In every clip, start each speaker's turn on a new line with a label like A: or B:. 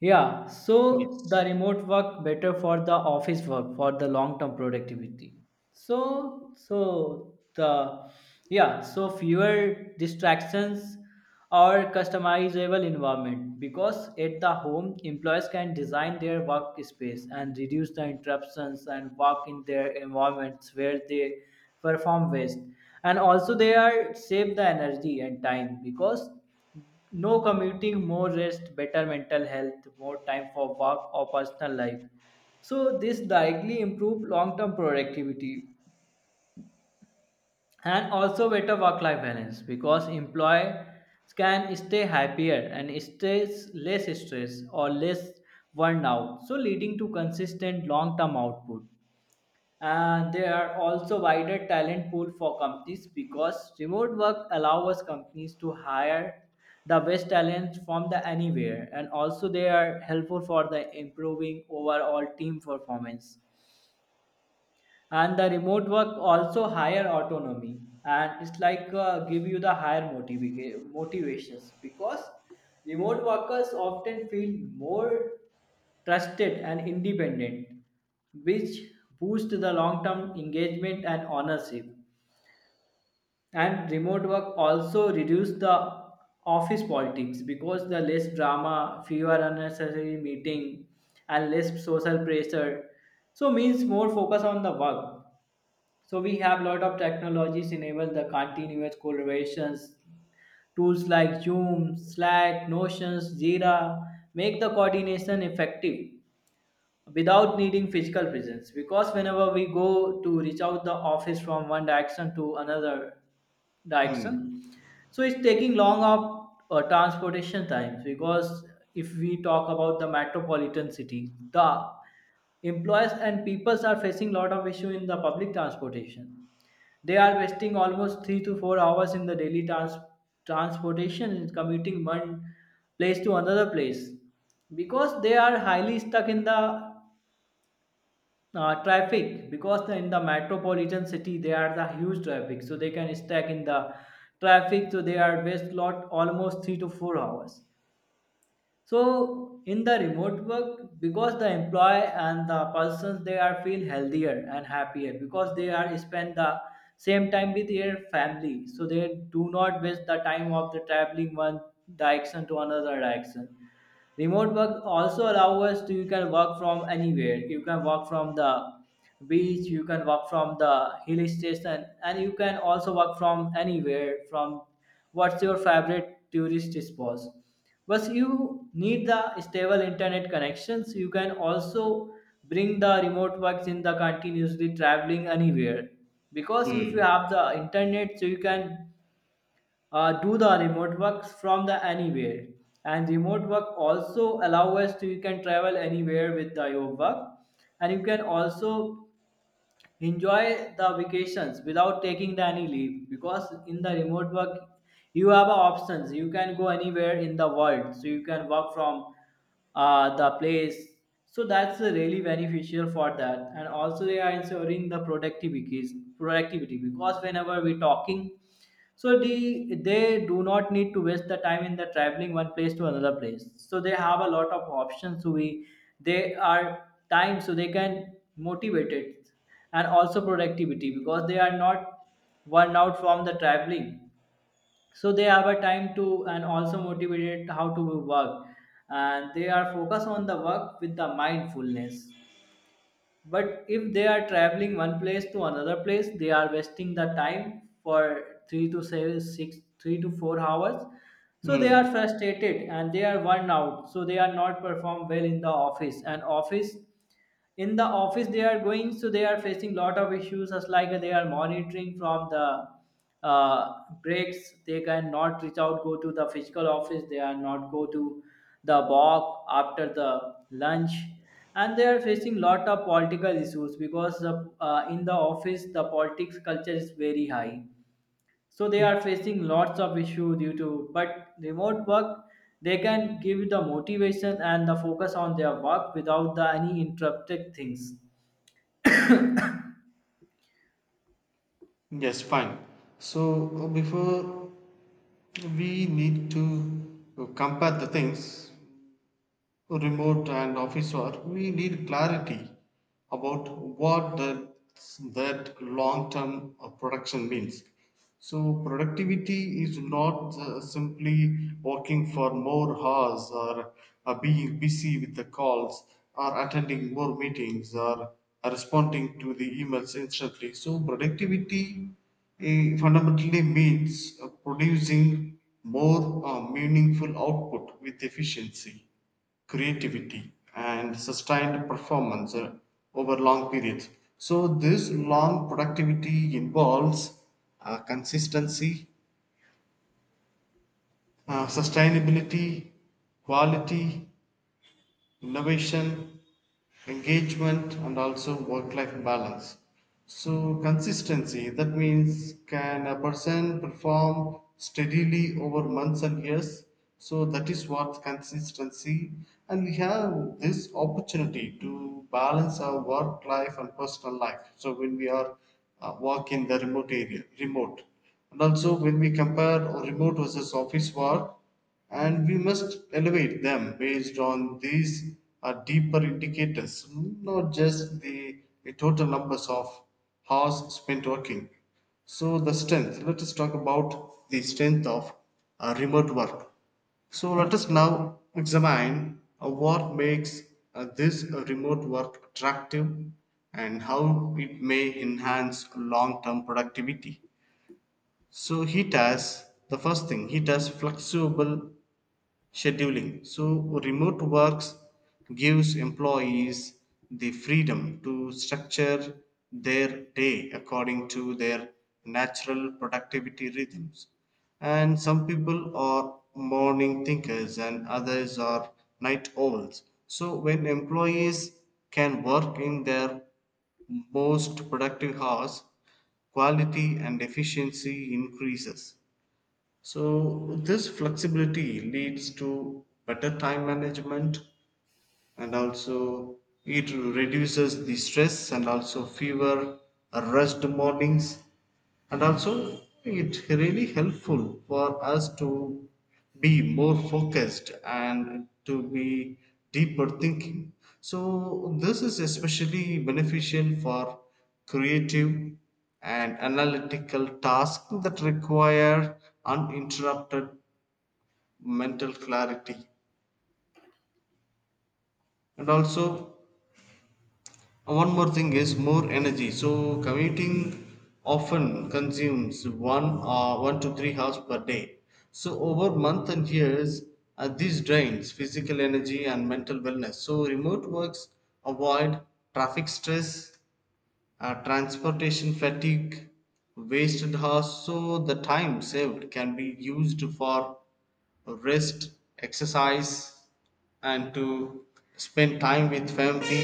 A: Yeah, so the
B: Yes.
A: remote work better for the office work for the long term productivity. So so the yeah, so fewer distractions or customizable environment, because at the home employees can design their workspace and reduce the interruptions and work in their environments where they perform best. And also they are save the energy and time because no commuting, more rest, better mental health, more time for work or personal life. So this directly improve long-term productivity, and also better work-life balance because employees can stay happier and stay less stressed or less worn out, so leading to consistent long-term output. And there are also wider talent pool for companies because remote work allows companies to hire the best talent from the anywhere, and also they are helpful for the improving overall team performance. And the remote work also higher autonomy, and it's like give you the higher motivations because remote workers often feel more trusted and independent, which boost the long-term engagement and ownership. And remote work also reduce the office politics because the less drama, fewer unnecessary meeting, and less social pressure. So means more focus on the work. So we have lot of technologies enable the continuous collaborations. Tools like Zoom, Slack, Notions, Jira make the coordination effective without needing physical presence, because whenever we go to reach out the office from one direction to another
B: Hmm.
A: direction, so it's taking long up transportation times. Because if we talk about the metropolitan city, the employers and peoples are facing lot of issue in the public transportation. They are wasting almost 3 to 4 hours in the daily transportation and commuting one place to another place, because they are highly stuck in the traffic. Because in the metropolitan city they are the huge traffic, so they can stack in the traffic, so they are waste lot almost 3 to 4 hours. So in the remote work, because the employee and the persons they are feel healthier and happier because they are spend the same time with their family, so they do not waste the time of the traveling one direction to another direction. Remote work also allow us to, you can work from anywhere, you can work from the beach, you can work from the hill station, and you can also work from anywhere from what's your favorite tourist spots. But you need the stable internet connections. You can also bring the remote works in the continuously traveling anywhere, because if you
B: Hmm.
A: have the internet, so you can do the remote works from the anywhere. And remote work also allow us to, you can travel anywhere with your work, and you can also enjoy the vacations without taking the any leave, because in the remote work you have a options, you can go anywhere in the world, so you can work from the place. So that's really beneficial for that. And also they are ensuring the productivity because whenever we're talking, so they do not need to waste the time in the traveling one place to another place, so they have a lot of options, so we they are time, so they can motivate it. And also productivity because they are not worn out from the traveling, so they have a time to, and also motivated how to work, and they are focused on the work with the mindfulness. But if they are traveling one place to another place, they are wasting the time for three to 4 hours, so they are
B: Hmm.
A: frustrated and they are worn out, so they are not perform well in the office and office in the office they are going, so they are facing lot of issues as like they are monitoring from the uh, breaks. They cannot reach out go to the physical office, they are not go to the walk after the lunch, and they are facing lot of political issues because in the office the politics culture is very high, so they are facing lots of issue due to, but remote work they can give the motivation and the focus on their work without the any interrupted things.
B: Yes, fine. So before we need to compare the things remote and office work, we need clarity about what that long-term production means. So productivity is not simply working for more hours or being busy with the calls or attending more meetings or responding to the emails instantly. So productivity fundamentally means producing more meaningful output with efficiency, creativity and sustained performance over long periods. So this long productivity involves consistency, sustainability, quality, innovation, engagement, and also work life balance. So consistency, that means can a person perform steadily over months and years? So that is what consistency, and we have this opportunity to balance our work life and personal life. So when we are work in the remote area, and also when we compare remote versus office work, and we must elevate them based on these deeper indicators, not just the total numbers of hours spent working. So the strength, let us talk about the strength of remote work. So let us now examine what makes this remote work attractive and how it may enhance long term productivity. So heat has the first thing, heat has flexible scheduling. So remote works gives employees the freedom to structure their day according to their natural productivity rhythms. And some people are morning thinkers and others are night owls. So when employees can work in their most productive hours, quality and efficiency increases. So this flexibility leads to better time management and also it reduces the stress and also fever, rest mornings, and also it really helpful for us to be more focused and to be deeper thinking. So this is especially beneficial for creative and analytical tasks that require uninterrupted mental clarity. And also one more thing is more energy, so commuting often consumes 1 or 1 to 3 hours per day, so over months and years this drains physical energy and mental wellness. So remote works avoid traffic stress, transportation fatigue, wasted hours. So the time saved can be used for rest, exercise, and to spend time with family,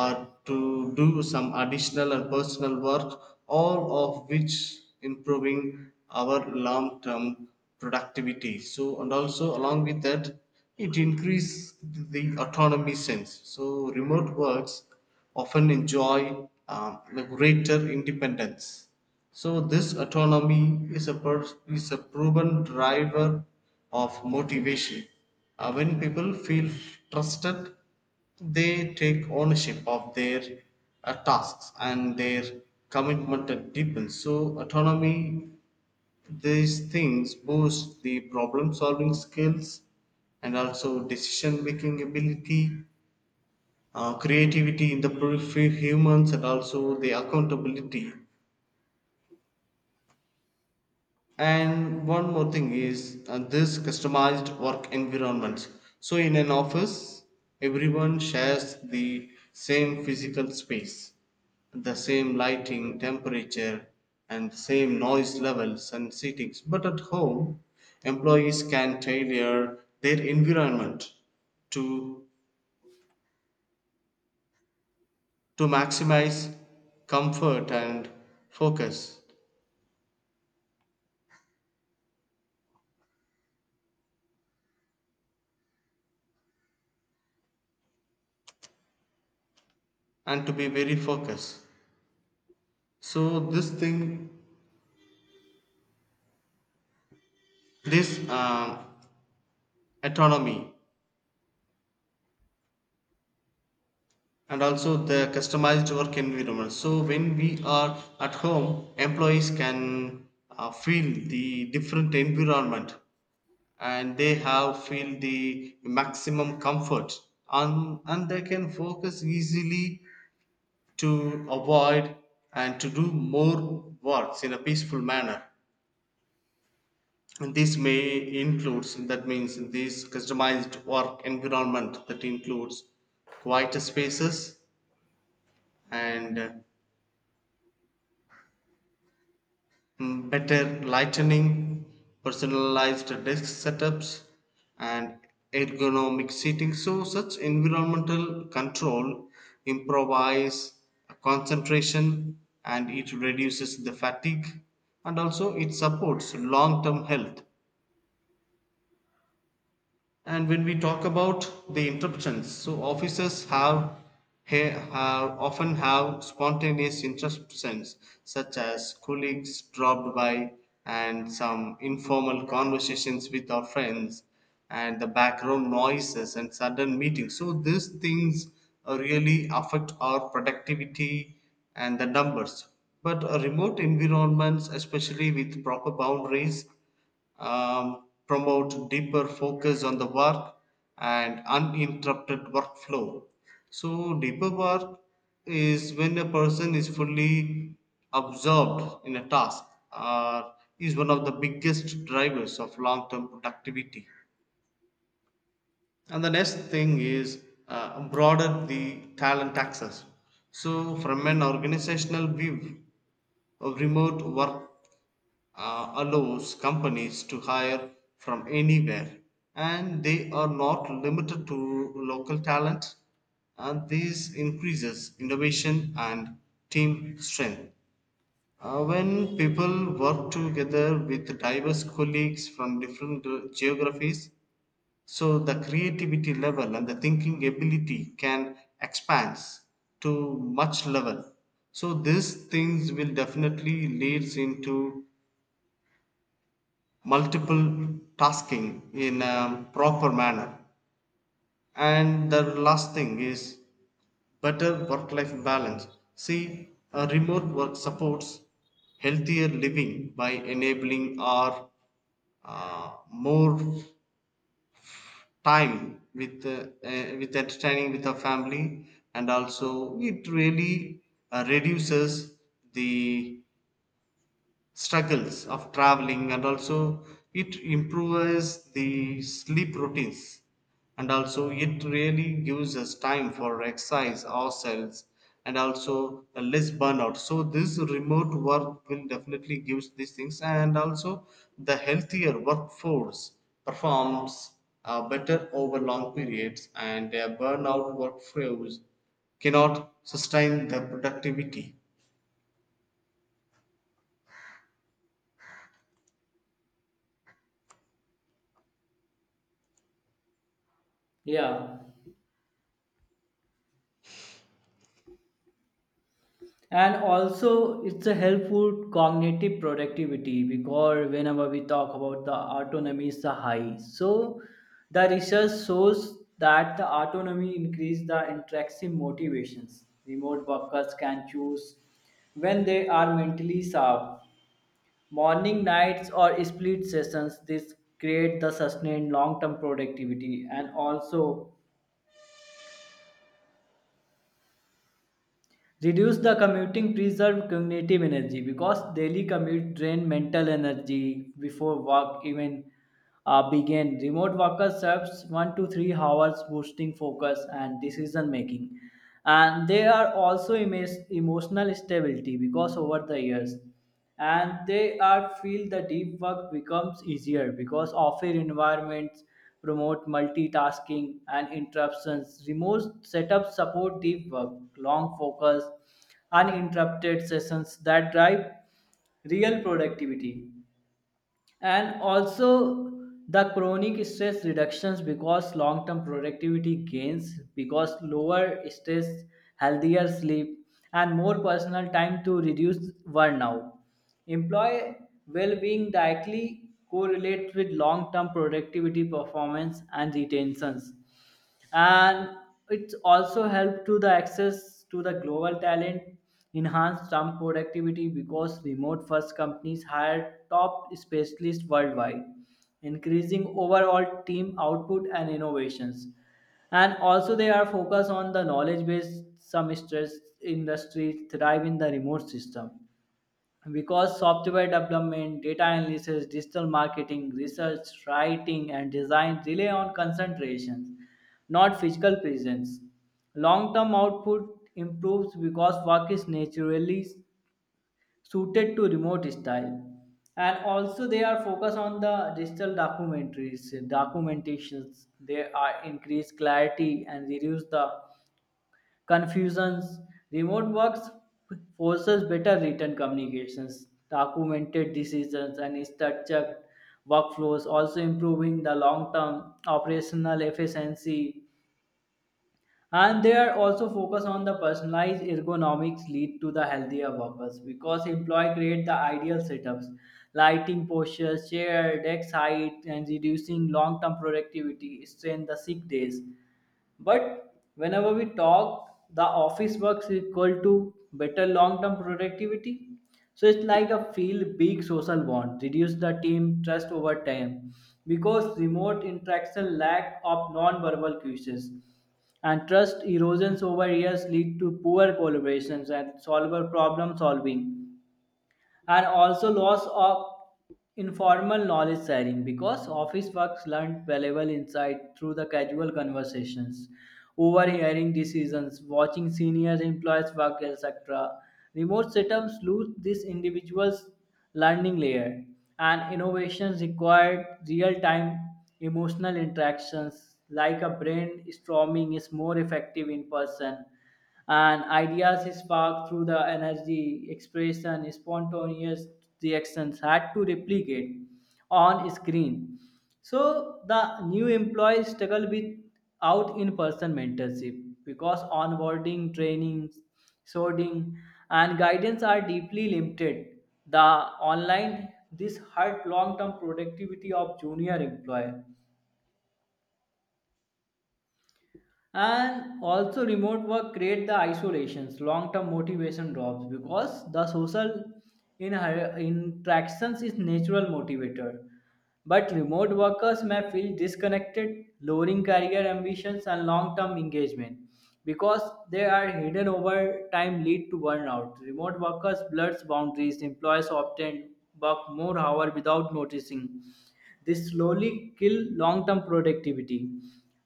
B: or to do some additional and personal work, all of which improving our long term productivity. So, and also along with that, it increases the autonomy sense. So remote works often enjoy the greater independence, so this autonomy is a proven driver of motivation. When people feel trusted, they take ownership of their tasks and their commitment deepens. So autonomy, these things boost the problem solving skills and also decision making ability, creativity in the humans, and also the accountability. And one more thing is this customized work environments. So in an office, everyone shares the same physical space, the same lighting, temperature, and same noise levels and seatings. But at home, employees can tailor their environment to, to maximize comfort and focus, and to be very focused. So this thing, this autonomy and also the customized work environment, so when we are at home, employees can feel the different environment and they have feel the maximum comfort, and they can focus easily, to avoid and to do more works in a peaceful manner. And this may includes, that means this customized work environment that includes quieter spaces and, better lighting, personalized desk setups, and ergonomic seating. So such environmental control improvise concentration and it reduces the fatigue and also it supports long term health. And when we talk about the interruptions, so have often have spontaneous interruptions, such as colleagues dropped by and some informal conversations with our friends, and the background noises and sudden meetings. So these things really affect our productivity and the numbers. But a remote environments, especially with proper boundaries, promote deeper focus on the work and uninterrupted workflow. So deeper work is when a person is fully absorbed in a task, or is one of the biggest drivers of long term productivity. And the next thing is broaden the talent access. So from an organizational view, of remote work, allows companies to hire from anywhere, and they are not limited to local talent, and this increases innovation and team strength. When people work together with diverse colleagues from different geographies, so the creativity level and the thinking ability can expand to much level, so these things will definitely leads into multiple tasking in a proper manner. And the last thing is better work life balance. See, a remote work supports healthier living by enabling our more time with entertaining with our family, and also it really reduces the struggles of traveling, and also it improves the sleep routines, and also it really gives us time for exercise ourselves, and also a less burnout. So this remote work will definitely gives these things, and also the healthier workforce performs better over long periods, and a burnout workforce cannot sustain the productivity.
A: Yeah. And also it's a helpful cognitive productivity because whenever we talk about the autonomy is the high, so the research shows that the autonomy increase the intrinsic motivations. Remote workers can choose when they are mentally sharp, morning, nights, or split sessions. This create the sustained long-term productivity, and also reduce the commuting, preserve cognitive energy, because daily commute drain mental energy before work even begin. Remote workers serves 1 to 3 hours, boosting focus and decision making. And they are also emotional stability because over the years, and they are feel the deep work becomes easier because offer environments promote multitasking and interruptions. Remote setups support deep work, long focus, uninterrupted sessions that drive real productivity. And also the chronic stress reductions, because long term productivity gains, because lower stress, healthier sleep, and more personal time to reduce burnout. Employee well being directly correlates with long term productivity performance and retentions. And it's also helped to the access to the global talent, enhance some productivity, because remote first companies hire top specialists worldwide, increasing overall team output and innovations. And also they are focused on the knowledge base some stress industries thrive in the remote system, because software development, data analysis, digital marketing, research, writing, and design rely on concentration, not physical presence. Long term output improves because work is naturally suited to remote style. And also, they are focused on the digital documentaries, documentations. They are increase clarity and reduce the confusions. Remote works forces better written communications, documented decisions, and structured workflows, also improving the long-term operational efficiency. And they are also focused on the personalized ergonomics lead to the healthier workers, because employee create the ideal setups, lighting postures, chair, desk height, and reducing long-term productivity, strain the sick days. But whenever we talk, the office works equal to better long-term productivity. So it's like a feel big social bond, reduce the team trust over time. Because remote interaction lack of non-verbal cues, and trust erosions over years lead to poor collaborations and solver problem solving. And also loss of informal knowledge sharing, because office works learned valuable insight through the casual conversations, overhearing decisions, watching senior employees work, etc. Remote setups lose this individual's learning layer. And innovations required real-time emotional interactions, like a brainstorming is more effective in person. And ideas is sparked through the energy, expression, spontaneous reactions had to replicate on screen. So the new employees struggle with out in person mentorship, because onboarding training, sorting, and guidance are deeply limited the online, this hurt long term productivity of junior employee. And also remote work create the isolations, long term motivation drops, because the social in interactions is natural motivator, but remote workers may feel disconnected, lowering career ambitions and long term engagement. Because they are hidden over time lead to burnout, remote workers blurs boundaries, employees often work more hours without noticing, they slowly kill long term productivity.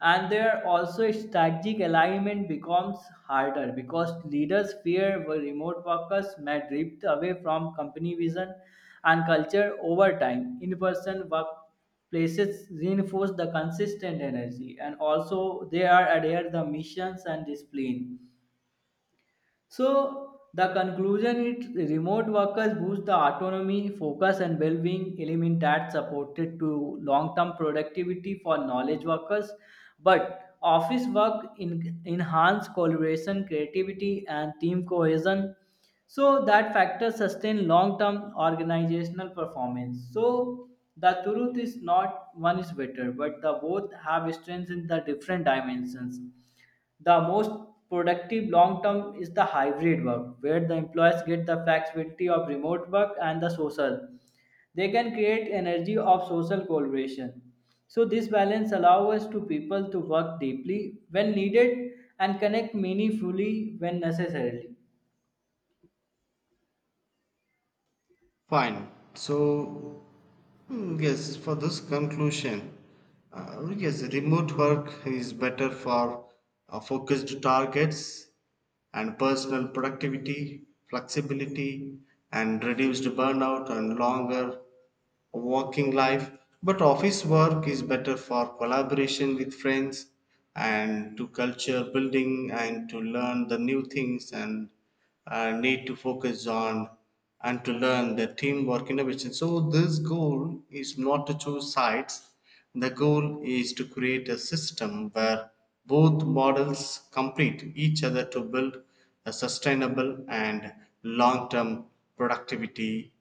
A: And there also strategic alignment becomes harder, because leaders fear where remote workers may drift away from company vision and culture over time. In person workplaces reinforce the consistent energy, and also they are adhere the missions and discipline. So the conclusion is remote workers boost the autonomy, focus and well-being element that supported to long-term productivity for knowledge workers. But office work in, enhance collaboration, creativity and team cohesion. So that factor sustain long-term organizational performance. So the truth is not one is better, but the both have strengths in the different dimensions. The most productive long term is the hybrid work, where the employees get the flexibility of remote work and the social. They can create energy of social collaboration. So this balance allows us to people to work deeply when needed and connect meaningfully when necessary.
B: Fine. So, yes, for this conclusion, yes, remote work is better for focused targets and personal productivity, flexibility, and reduced burnout and longer working life, but office work is better for collaboration with friends and to culture building and to learn the new things and need to focus on and to learn the teamwork innovation. So this goal is not to choose sides. The goal is to create a system where both models complete each other to build a sustainable and long-term productivity.